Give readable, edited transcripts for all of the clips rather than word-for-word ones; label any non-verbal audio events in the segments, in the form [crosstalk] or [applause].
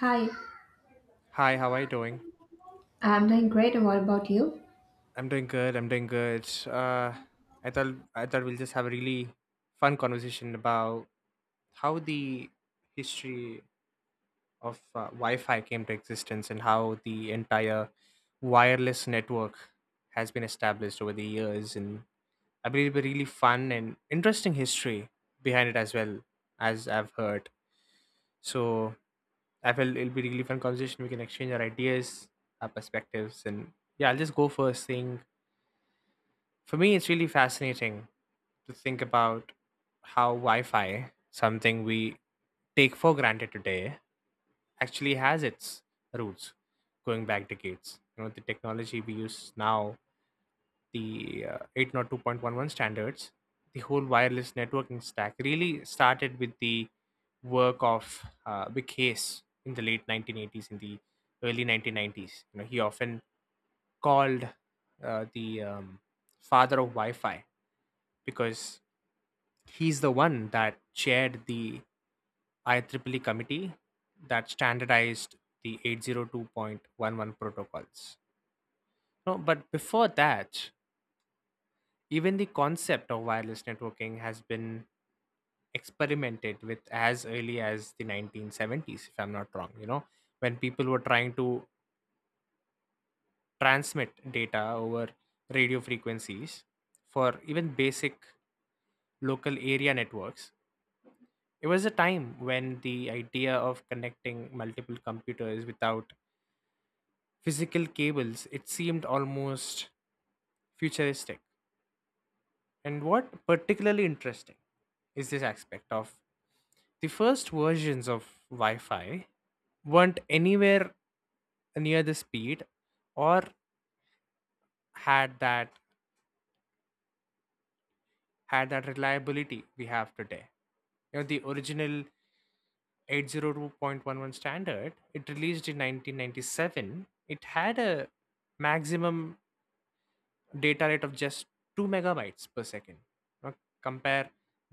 Hi, Hi, how are you doing? I'm doing great. And What about you? I'm doing good. I thought we'll just have a really fun conversation about how the history of Wi-Fi came to existence and how the entire wireless network has been established over the years. And I believe a really fun and interesting history behind it as well as I've heard. So I felt it'll be really fun conversation. We can exchange our ideas, our perspectives, and yeah, I'll just go first, saying for me, it's really fascinating to think about how Wi Fi, something we take for granted today, actually has its roots going back decades. You know, the technology we use now, the 802.11 standards, the whole wireless networking stack really started with the work of Big Case in the late 1980s, in the early 1990s. You know, he often called the father of Wi-Fi because he's the one that chaired the IEEE committee that standardized the 802.11 protocols. No, but before that, even the concept of wireless networking has been experimented with as early as the 1970s, if I'm not wrong, you know, when people were trying to transmit data over radio frequencies for even basic local area networks. It was a time when the idea of connecting multiple computers without physical cables it seemed almost futuristic. And what particularly interesting is this aspect of the first versions of Wi-Fi weren't anywhere near the speed or had that had that reliability we have today. You know, the original 802.11 standard, it released in 1997. It had a maximum data rate of just 2 megabytes per second. Now, compare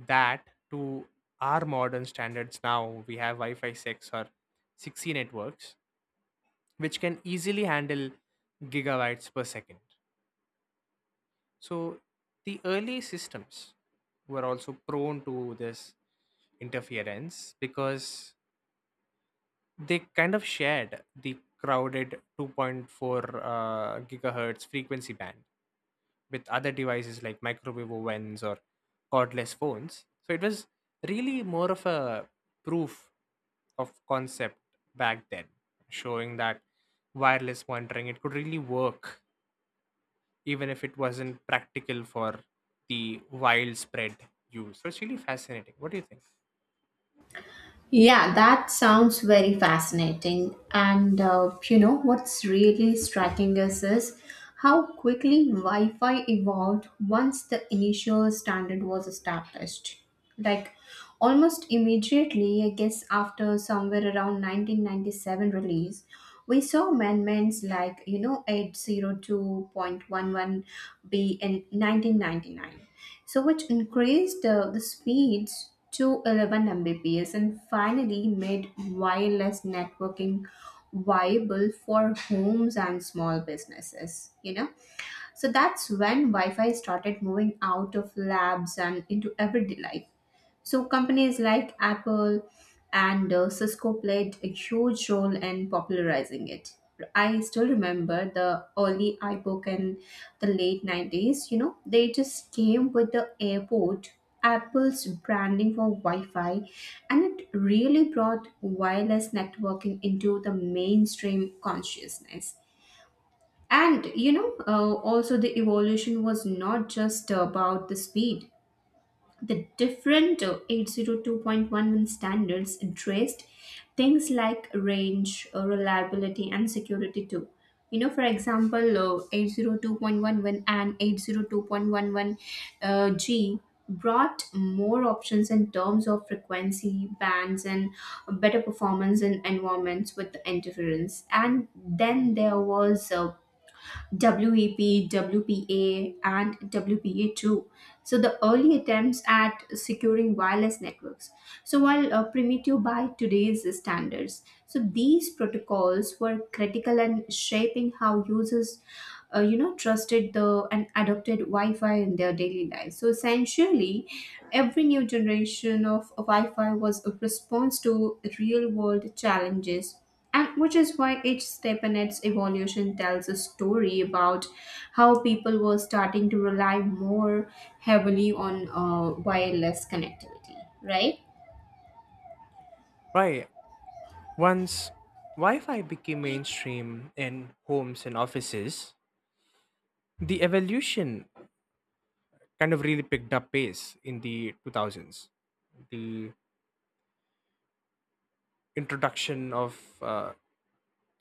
that to our modern standards now. We have Wi Fi 6 or 6E networks, which can easily handle gigabytes per second. So, the early systems were also prone to this interference because they kind of shared the crowded 2.4 gigahertz frequency band with other devices like microwave ovens or cordless phones. So it was really more of a proof of concept back then, showing that wireless monitoring it could really work even if it wasn't practical for the widespread use. So it's really fascinating. What do you think? Yeah, that sounds very fascinating. And you know what's really striking is how quickly Wi-Fi evolved once the initial standard was established. Like almost immediately, I guess after somewhere around 1997 release, we saw amendments like 802.11b in 1999, so which increased the speeds to 11 Mbps and finally made wireless networking viable for homes and small businesses. So that's when Wi-Fi started moving out of labs and into everyday life. So companies like Apple and Cisco played a huge role in popularizing it. I still remember the early iBook in the late 90s. You know, they just came with the AirPort, Apple's branding for Wi Fi, and it really brought wireless networking into the mainstream consciousness. And, you know, also the evolution was not just about the speed. The different 802.11 standards addressed things like range, reliability, and security too. You know, for example, 802.11 and 802.11 G brought more options in terms of frequency bands and better performance in environments with interference. And then there was WEP, WPA, and WPA2. So, the early attempts at securing wireless networks. So, while primitive by today's standards, so these protocols were critical in shaping how users, trusted the and adopted Wi-Fi in their daily life. So, essentially, every new generation of Wi Fi was a response to real world challenges, and which is why each step in its evolution tells a story about how people were starting to rely more heavily on wireless connectivity, right? Right. Once Wi Fi became mainstream in homes and offices, the evolution kind of really picked up pace in the 2000s. The introduction of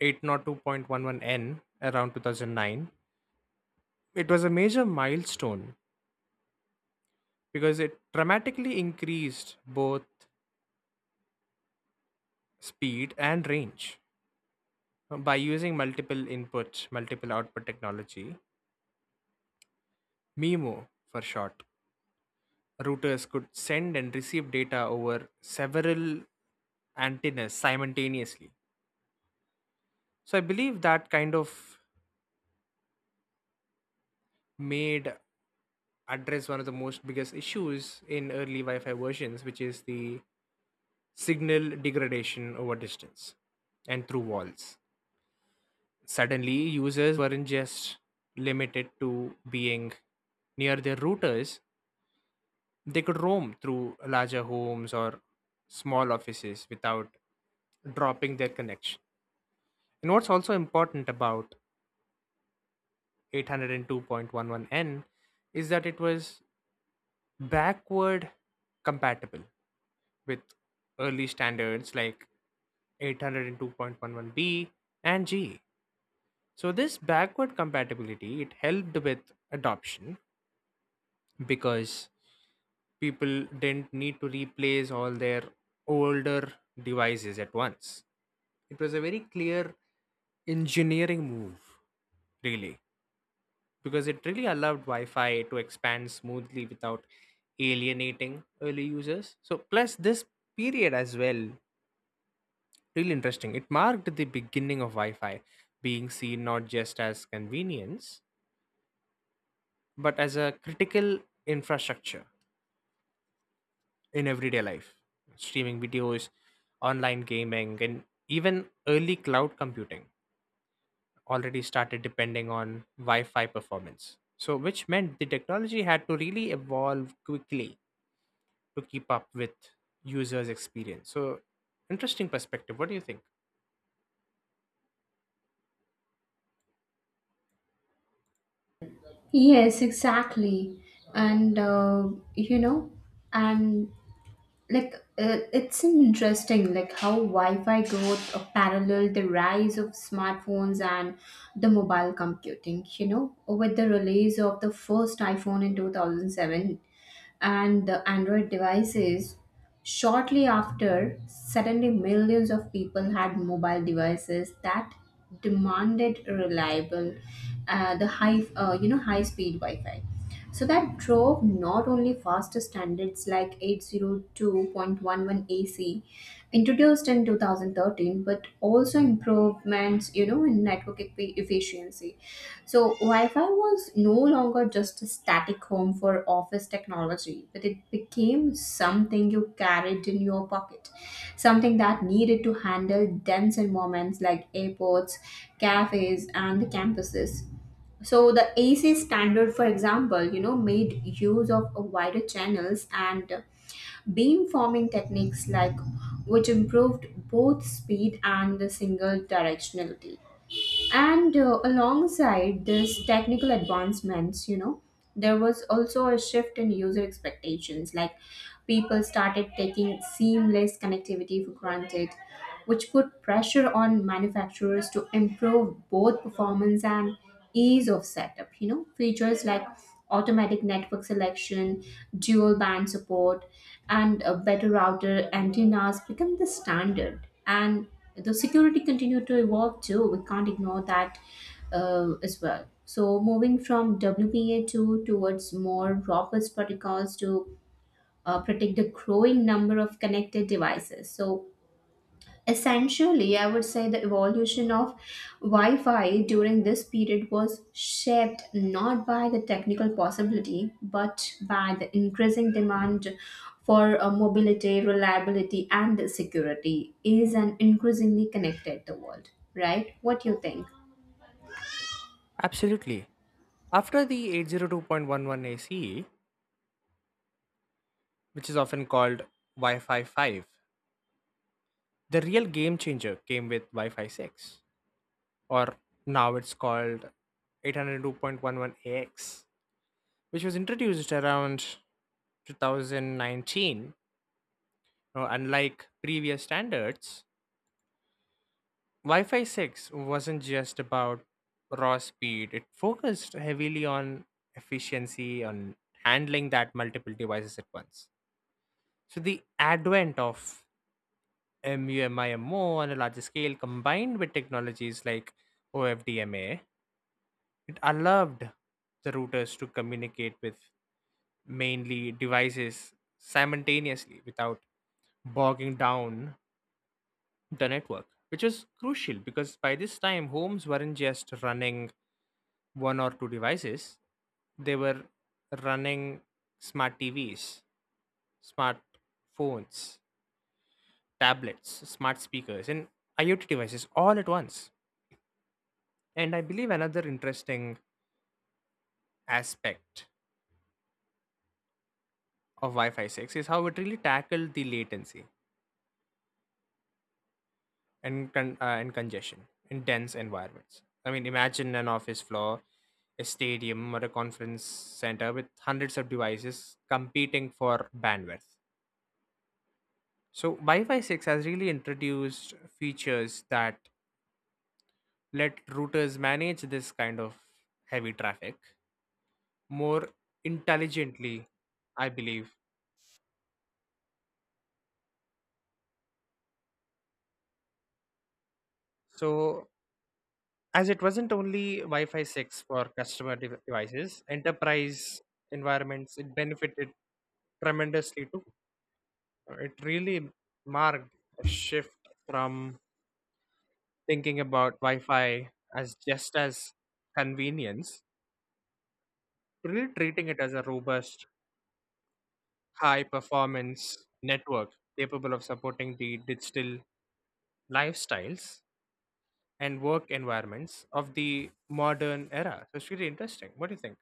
802.11n around 2009, it was a major milestone because it dramatically increased both speed and range. By using multiple input, multiple output technology, MIMO for short, routers could send and receive data over several antennas simultaneously. So I believe that kind of made address one of the most biggest issues in early Wi-Fi versions, which is the signal degradation over distance and through walls. Suddenly, users weren't just limited to being near their routers; they could roam through larger homes or small offices without dropping their connection. And what's also important about 802.11n is that it was backward compatible with early standards like 802.11b and g, so this backward compatibility it helped with adoption because people didn't need to replace all their older devices at once. It was a very clear engineering move really, because it really allowed Wi-Fi to expand smoothly without alienating early users. So plus this period as well, really interesting. It marked the beginning of Wi-Fi being seen not just as convenience but as a critical infrastructure in everyday life. Streaming videos, online gaming, and even early cloud computing already started depending on Wi-Fi performance. So which meant the technology had to really evolve quickly to keep up with users experience. So interesting perspective. What do you think? Yes, exactly. And, uh, you know, and like it's interesting like how Wi-Fi growth parallel the rise of smartphones and the mobile computing, you know, with the release of the first iPhone in 2007 and the Android devices shortly after. Suddenly millions of people had mobile devices that demanded reliable the high high speed Wi-Fi. So that drove not only faster standards like 802.11 AC introduced in 2013, but also improvements, you know, in network efficiency. So Wi-Fi was no longer just a static home for office technology, but it became something you carried in your pocket. Something that needed to handle dense environments like airports, cafes, and the campuses. So the AC standard, for example, you know, made use of a wider channels and beamforming techniques which improved both speed and the single directionality. And alongside these technical advancements, you know, there was also a shift in user expectations. Like people started taking seamless connectivity for granted, which put pressure on manufacturers to improve both performance and ease of setup. You know, features like automatic network selection, dual band support, and a better router antennas become the standard. And the security continued to evolve too. We can't ignore that as well. So moving from WPA two towards more robust protocols to protect the growing number of connected devices. So essentially, I would say the evolution of Wi Fi during this period was shaped not by the technical possibility but by the increasing demand for mobility, reliability, and security is an increasingly connected the world, right? What do you think? Absolutely. After the 802.11 ace, which is often called Wi-Fi 5, the real game changer came with Wi-Fi 6, or now it's called 802.11ax, which was introduced around 2019. Now, unlike previous standards, Wi Fi 6 wasn't just about raw speed, it focused heavily on efficiency, on handling that multiple devices at once. So, the advent of MU-MIMO on a larger scale combined with technologies like OFDMA, it allowed the routers to communicate with mainly devices simultaneously without bogging down the network, which was crucial because by this time homes weren't just running one or two devices. They were running smart TVs, smart phones, tablets, smart speakers, and IoT devices all at once. And I believe another interesting aspect of Wi Fi 6 is how it really tackled the latency and congestion in dense environments. I mean, imagine an office floor, a stadium, or a conference center with hundreds of devices competing for bandwidth. So Wi-Fi 6 has really introduced features that let routers manage this kind of heavy traffic more intelligently, I believe. So as it wasn't only Wi-Fi 6 for customer devices, enterprise environments it benefited tremendously too. It really marked a shift from thinking about Wi-Fi as just as convenience to really treating it as a robust high performance network capable of supporting the digital lifestyles and work environments of the modern era. So it's really interesting. What do you think?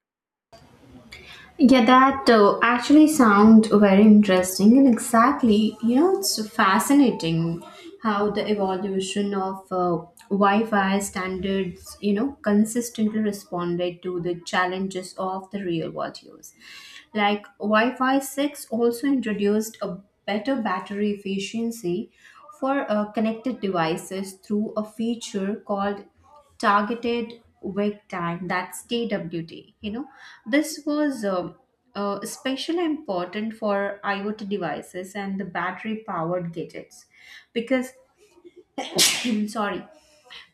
Yeah, that actually sounds very interesting, and exactly, you know, it's fascinating how the evolution of Wi-Fi standards, you know, consistently responded to the challenges of the real world use. Like Wi-Fi 6 also introduced a better battery efficiency for connected devices through a feature called targeted wake time, that's TWT. You know, this was especially important for IoT devices and the battery powered gadgets because [coughs] sorry,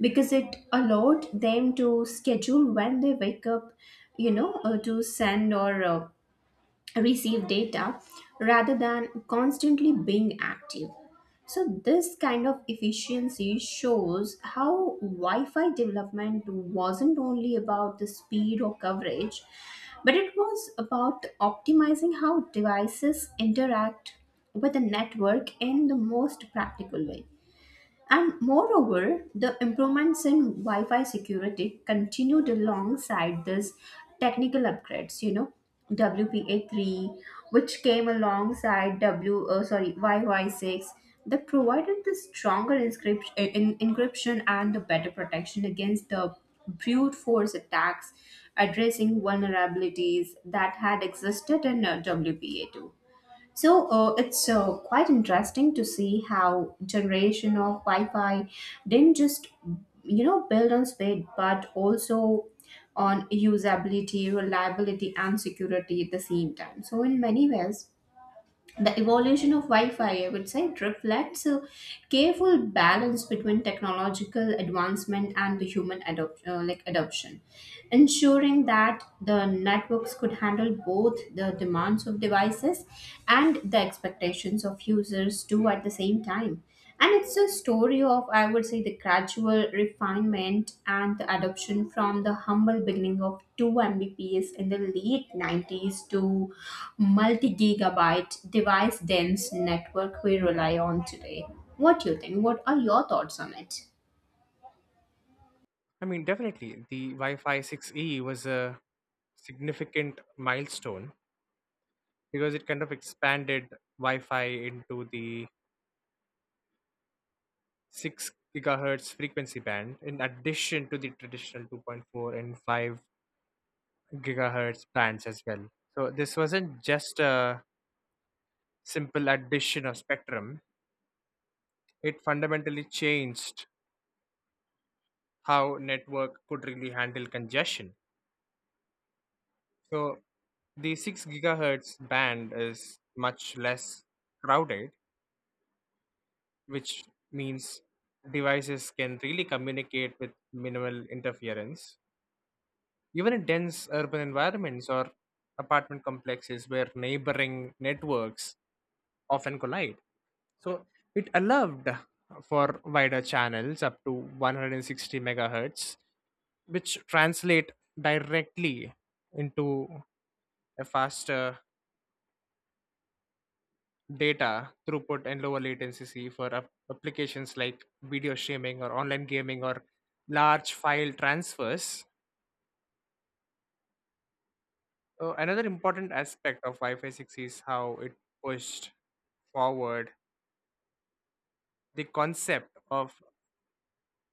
because it allowed them to schedule when they wake up, you know, to send or receive data rather than constantly being active. So, this kind of efficiency shows how Wi Fi development wasn't only about the speed or coverage, but it was about optimizing how devices interact with the network in the most practical way. And moreover, the improvements in Wi Fi security continued alongside these technical upgrades, you know, WPA3, which came alongside Wi-Fi 6, that provided the stronger encryption and the better protection against the brute force attacks, addressing vulnerabilities that had existed in WPA2. So it's quite interesting to see how generation of Wi-Fi didn't just, you know, build on speed but also on usability, reliability, and security at the same time. So in many ways, the evolution of Wi-Fi, I would say, reflects a careful balance between technological advancement and the human adoption, ensuring that the networks could handle both the demands of devices and the expectations of users too at the same time. And it's a story of, I would say, the gradual refinement and the adoption from the humble beginning of 2 Mbps in the late 90s to multi gigabyte device dense network we rely on today. What do you think? What are your thoughts on it? I mean, definitely the Wi Fi 6E was a significant milestone because it kind of expanded Wi Fi into the 6 gigahertz frequency band in addition to the traditional 2.4 and 5 gigahertz bands as well. So this wasn't just a simple addition of spectrum, it fundamentally changed how network could really handle congestion. So the 6 gigahertz band is much less crowded, which means devices can really communicate with minimal interference, even in dense urban environments or apartment complexes where neighboring networks often collide. So it allowed for wider channels up to 160 megahertz, which translate directly into a faster data throughput and lower latency for applications like video streaming or online gaming or large file transfers. Another important aspect of Wi-Fi 6 is how it pushed forward the concept of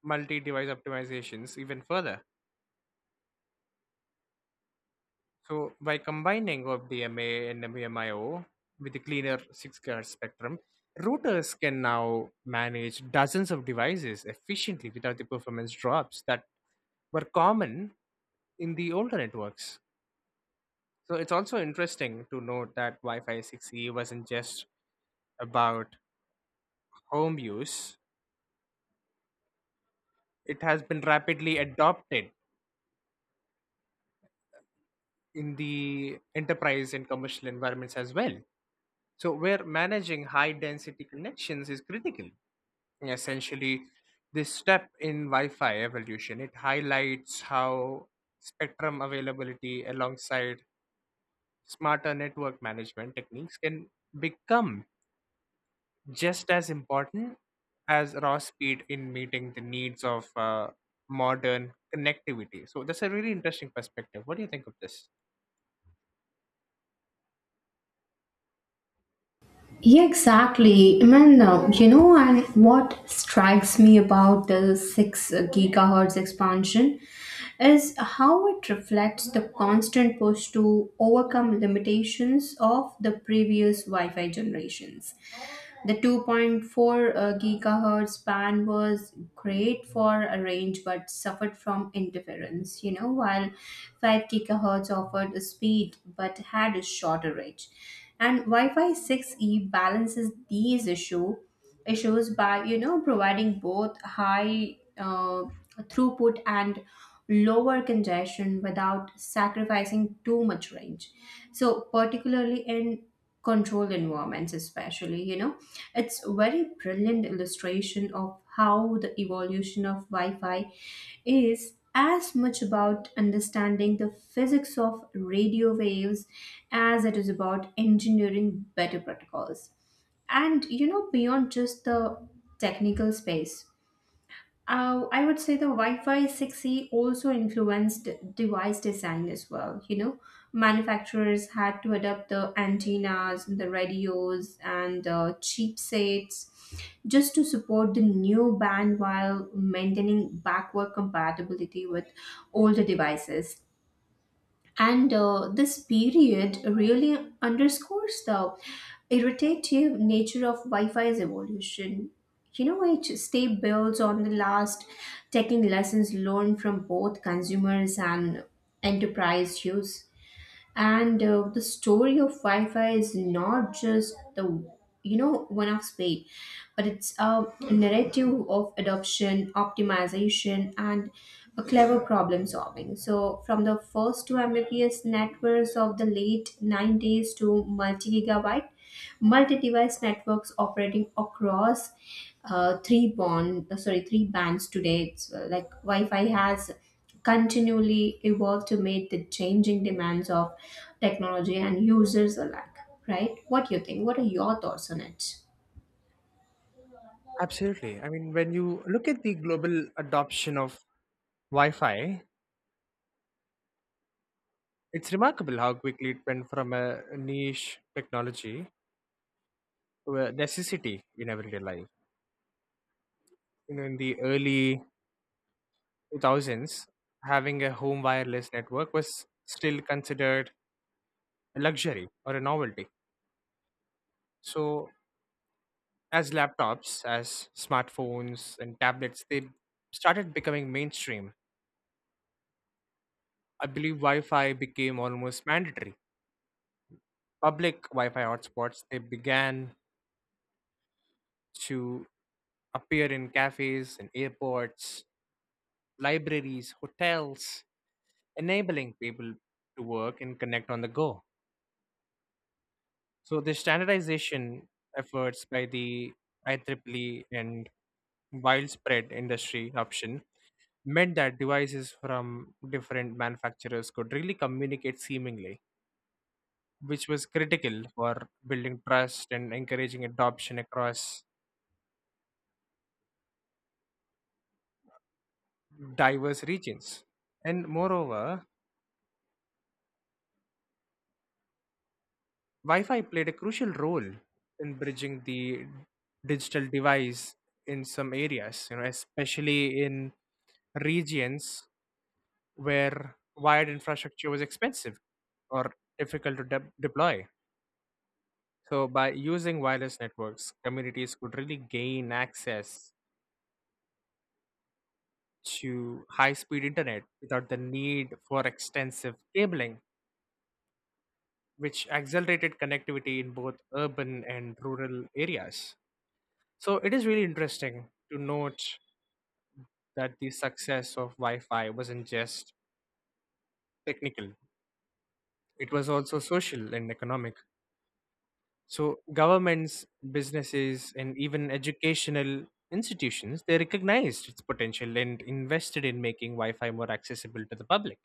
multi-device optimizations even further. So by combining of DMA and MVMIO with the cleaner 6 GHz spectrum, routers can now manage dozens of devices efficiently without the performance drops that were common in the older networks. So it's also interesting to note that Wi-Fi 6E wasn't just about home use. It has been rapidly adopted in the enterprise and commercial environments as well, so where managing high density connections is critical. Essentially, this step in wi-fi evolution it highlights how spectrum availability alongside smarter network management techniques can become just as important as raw speed in meeting the needs of modern connectivity. So that's a really interesting perspective. What do you think of this? Yeah, exactly. I mean, you know, and what strikes me about the 6 gigahertz expansion is how it reflects the constant push to overcome limitations of the previous Wi Fi generations. The 2.4 gigahertz band was great for a range but suffered from interference, you know, while 5 gigahertz offered a speed but had a shorter range. And Wi-Fi 6E balances these issues by, you know, providing both high throughput and lower congestion without sacrificing too much range. So particularly in controlled environments especially, you know, it's a very brilliant illustration of how the evolution of Wi-Fi is as much about understanding the physics of radio waves as it is about engineering better protocols. And you know, beyond just the technical space, I would say the Wi-Fi 6E also influenced device design as well. You know, manufacturers had to adapt the antennas and the radios and chipsets just to support the new band while maintaining backward compatibility with older devices. And this period really underscores the irritative nature of Wi Fi's evolution. You know, it stay builds on the last, taking lessons learned from both consumers and enterprise use. And the story of Wi-Fi is not just the, you know, one of spade, but it's a narrative of adoption optimization and a clever problem solving. So from the first two mbps networks of the late 90s to multi gigabyte multi-device networks operating across three bond sorry three bands today, it's like Wi-Fi has continually evolved to meet the changing demands of technology and users alike, right? What do you think? What are your thoughts on it? Absolutely. I mean, when you look at the global adoption of Wi Fi, it's remarkable how quickly it went from a niche technology were necessity in everyday life. You know, in the early 2000s, having a home wireless network was still considered a luxury or a novelty. So, as laptops, as smartphones, and tablets, they started becoming mainstream. I believe Wi Fi became almost mandatory. Public Wi Fi hotspots they began to appear in cafes and airports, libraries, hotels, enabling people to work and connect on the go. So the standardization efforts by the IEEE and widespread industry adoption meant that devices from different manufacturers could really communicate seamlessly, which was critical for building trust and encouraging adoption across diverse regions. And moreover, Wi-Fi played a crucial role in bridging the digital device in some areas, you know, especially in regions where wired infrastructure was expensive or difficult to deploy. So, by using wireless networks, communities could really gain access to high speed internet without the need for extensive cabling, which accelerated connectivity in both urban and rural areas. So, it is really interesting to note that the success of Wi Fi wasn't just technical, it was also social and economic. So governments, businesses, and even educational institutions, they recognized its potential and invested in making Wi-Fi more accessible to the public.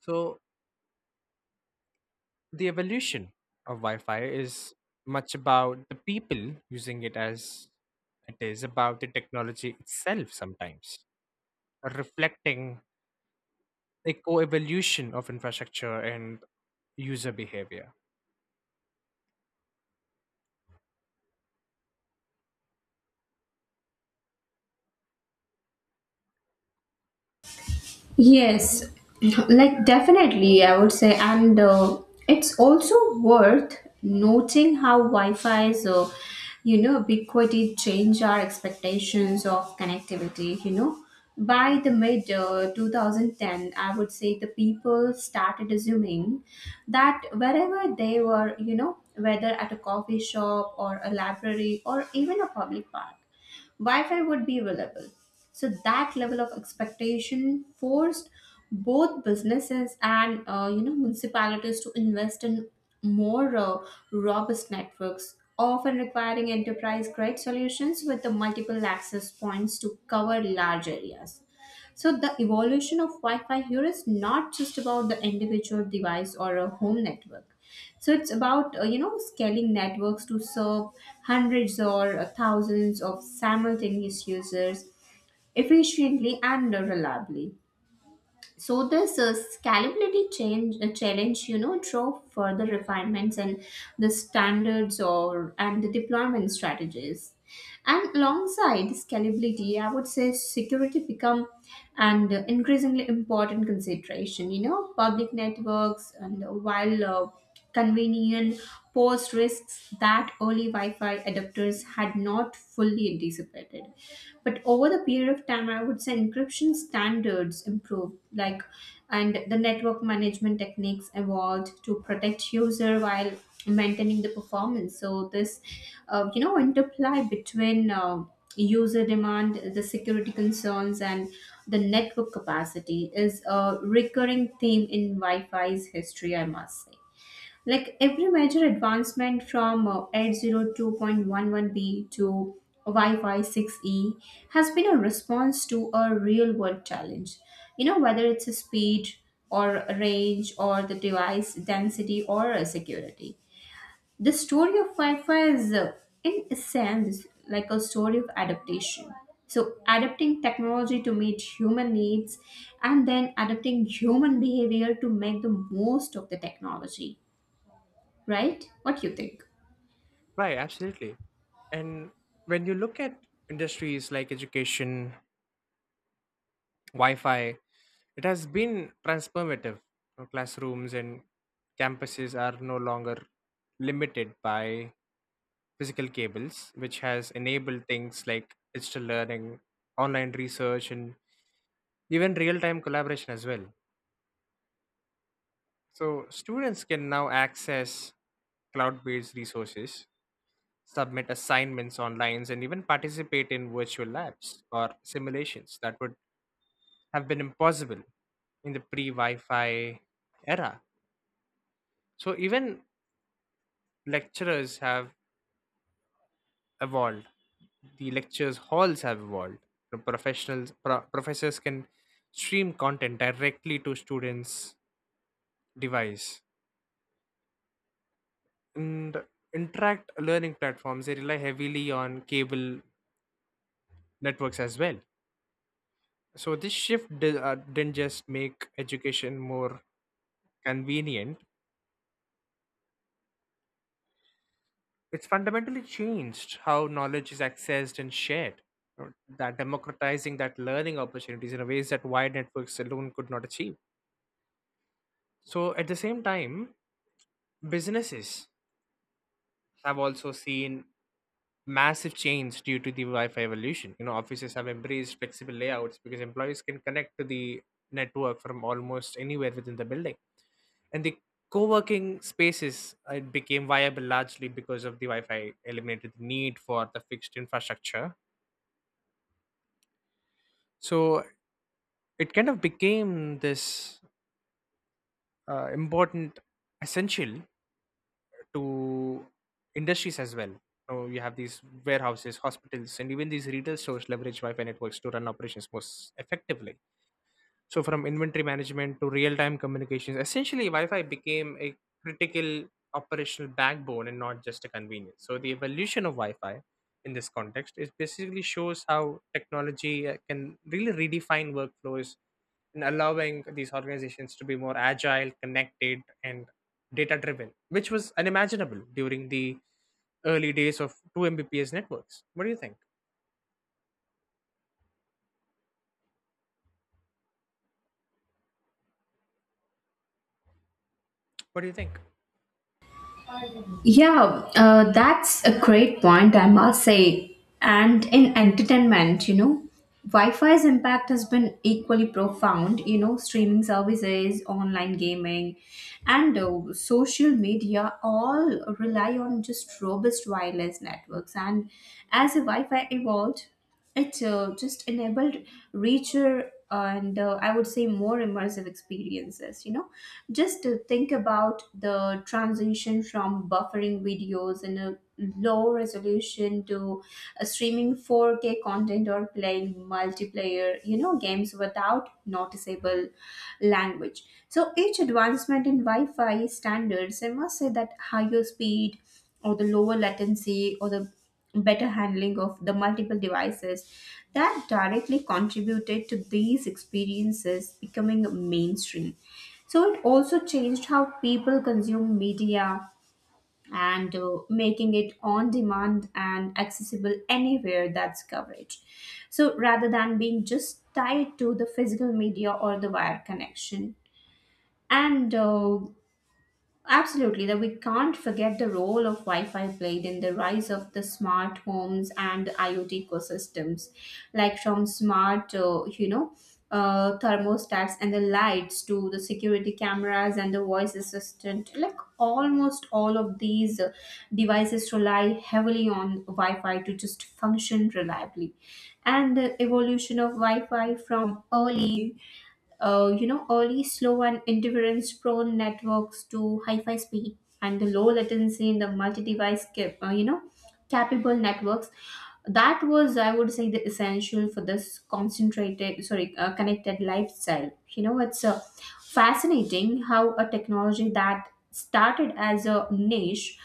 So the evolution of Wi-Fi is much about the people using it as it is about the technology itself sometimes, reflecting a co-evolution of infrastructure and user behavior. Yes, like definitely, I would say, and it's also worth noting how Wi-Fi's, ubiquity change our expectations of connectivity. You know, by the mid 2010, I would say the people started assuming that wherever they were, you know, whether at a coffee shop or a library or even a public park, Wi-Fi would be available. So that level of expectation forced both businesses and, you know, municipalities to invest in more robust networks, often requiring enterprise-grade solutions with the multiple access points to cover large areas. So the evolution of Wi-Fi here is not just about the individual device or a home network. So it's about, you know, scaling networks to serve hundreds or thousands of simultaneous users efficiently and reliably. So this scalability change challenge, you know, drove further refinements in the standards or and the deployment strategies. And alongside scalability, I would say security become an increasingly important consideration. You know, public networks, and while convenient, pose risks that early Wi-Fi adapters had not fully anticipated. But over the period of time, I would say encryption standards improved, and the network management techniques evolved to protect user while maintaining the performance. So this, interplay between user demand, the security concerns, and the network capacity is a recurring theme in Wi-Fi's history, I must say. Like every major advancement from 802.11b to Wi-Fi 6E has been a response to a real-world challenge. You know, whether it's a speed or range or the device density or security, the story of Wi-Fi is, in a sense, like a story of adaptation. So, adapting technology to meet human needs and then adapting human behavior to make the most of the technology, right? What you think? Right, absolutely. And when you look at industries like education, Wi-Fi. It has been transformative. Now, classrooms and campuses are no longer limited by physical cables, which has enabled things like digital learning, online research, and even real-time collaboration as well. So students can now access cloud-based resources, submit assignments online, and even participate in virtual labs or simulations that would have been impossible in the pre-Wi-Fi era. So even lecturers have evolved. The lectures halls have evolved. The professionals professors can stream content directly to students' device. And interact learning platforms they rely heavily on cable networks as well. So this shift didn't just make education more convenient; it's fundamentally changed how knowledge is accessed and shared, you know, that democratizing that learning opportunities in a ways that wide networks alone could not achieve. So at the same time, businesses have also seen massive change due to the Wi-Fi evolution. You know, offices have embraced flexible layouts because employees can connect to the network from almost anywhere within the building. And the co-working spaces it became viable largely because of the Wi-Fi eliminated the need for the fixed infrastructure. So it kind of became this important essential to industries as well. So you have these warehouses, hospitals, and even these retail stores leverage Wi-Fi networks to run operations most effectively. So from inventory management to real-time communications, essentially Wi-Fi became a critical operational backbone and not just a convenience. So the evolution of Wi-Fi in this context is basically shows how technology can really redefine workflows and allowing these organizations to be more agile, connected, and data driven, which was unimaginable during the early days of 2 Mbps networks. What do you think? Yeah, that's a great point, I must say. And in entertainment, you know, Wi Fi's impact has been equally profound. You know, streaming services, online gaming, and social media all rely on just robust wireless networks. And as the Wi Fi evolved, it just enabled richer and, I would say, more immersive experiences. You know, just to think about the transition from buffering videos in a low resolution to streaming 4K content or playing multiplayer, you know, games without noticeable language. So each advancement in Wi-Fi standards, I must say, that higher speed or the lower latency or the better handling of the multiple devices that directly contributed to these experiences becoming mainstream. So it also changed how people consume media and, making it on demand and accessible anywhere that's coverage. So rather than being just tied to the physical media or the wire connection. And absolutely, that we can't forget the role of Wi-Fi played in the rise of the smart homes and IoT ecosystems, like from smart, thermostats and the lights to the security cameras and the voice assistant. Like almost all of these devices rely heavily on Wi-Fi to just function reliably, and the evolution of Wi-Fi from early slow and interference prone networks to high fi speed and the low latency in the multi device, uh, you know, capable networks. That was, I would say, the essential for this connected lifestyle. You know, it's fascinating how a technology that started as a niche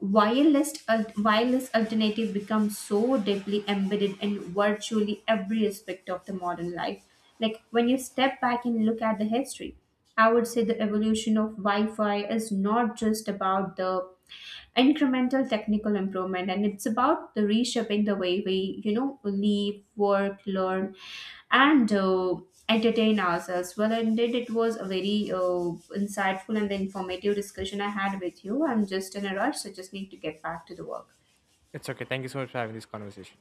Wireless alternative becomes so deeply embedded in virtually every aspect of the modern life. Like when you step back and look at the history, I would say the evolution of Wi Fi is not just about the incremental technical improvement, and it's about the reshaping the way we, you know, live, work, learn, and entertain ourselves. Well, indeed it was a very insightful and informative discussion I had with you. I'm just in a rush, so just need to get back to the work. It's okay. Thank you so much for having this conversation.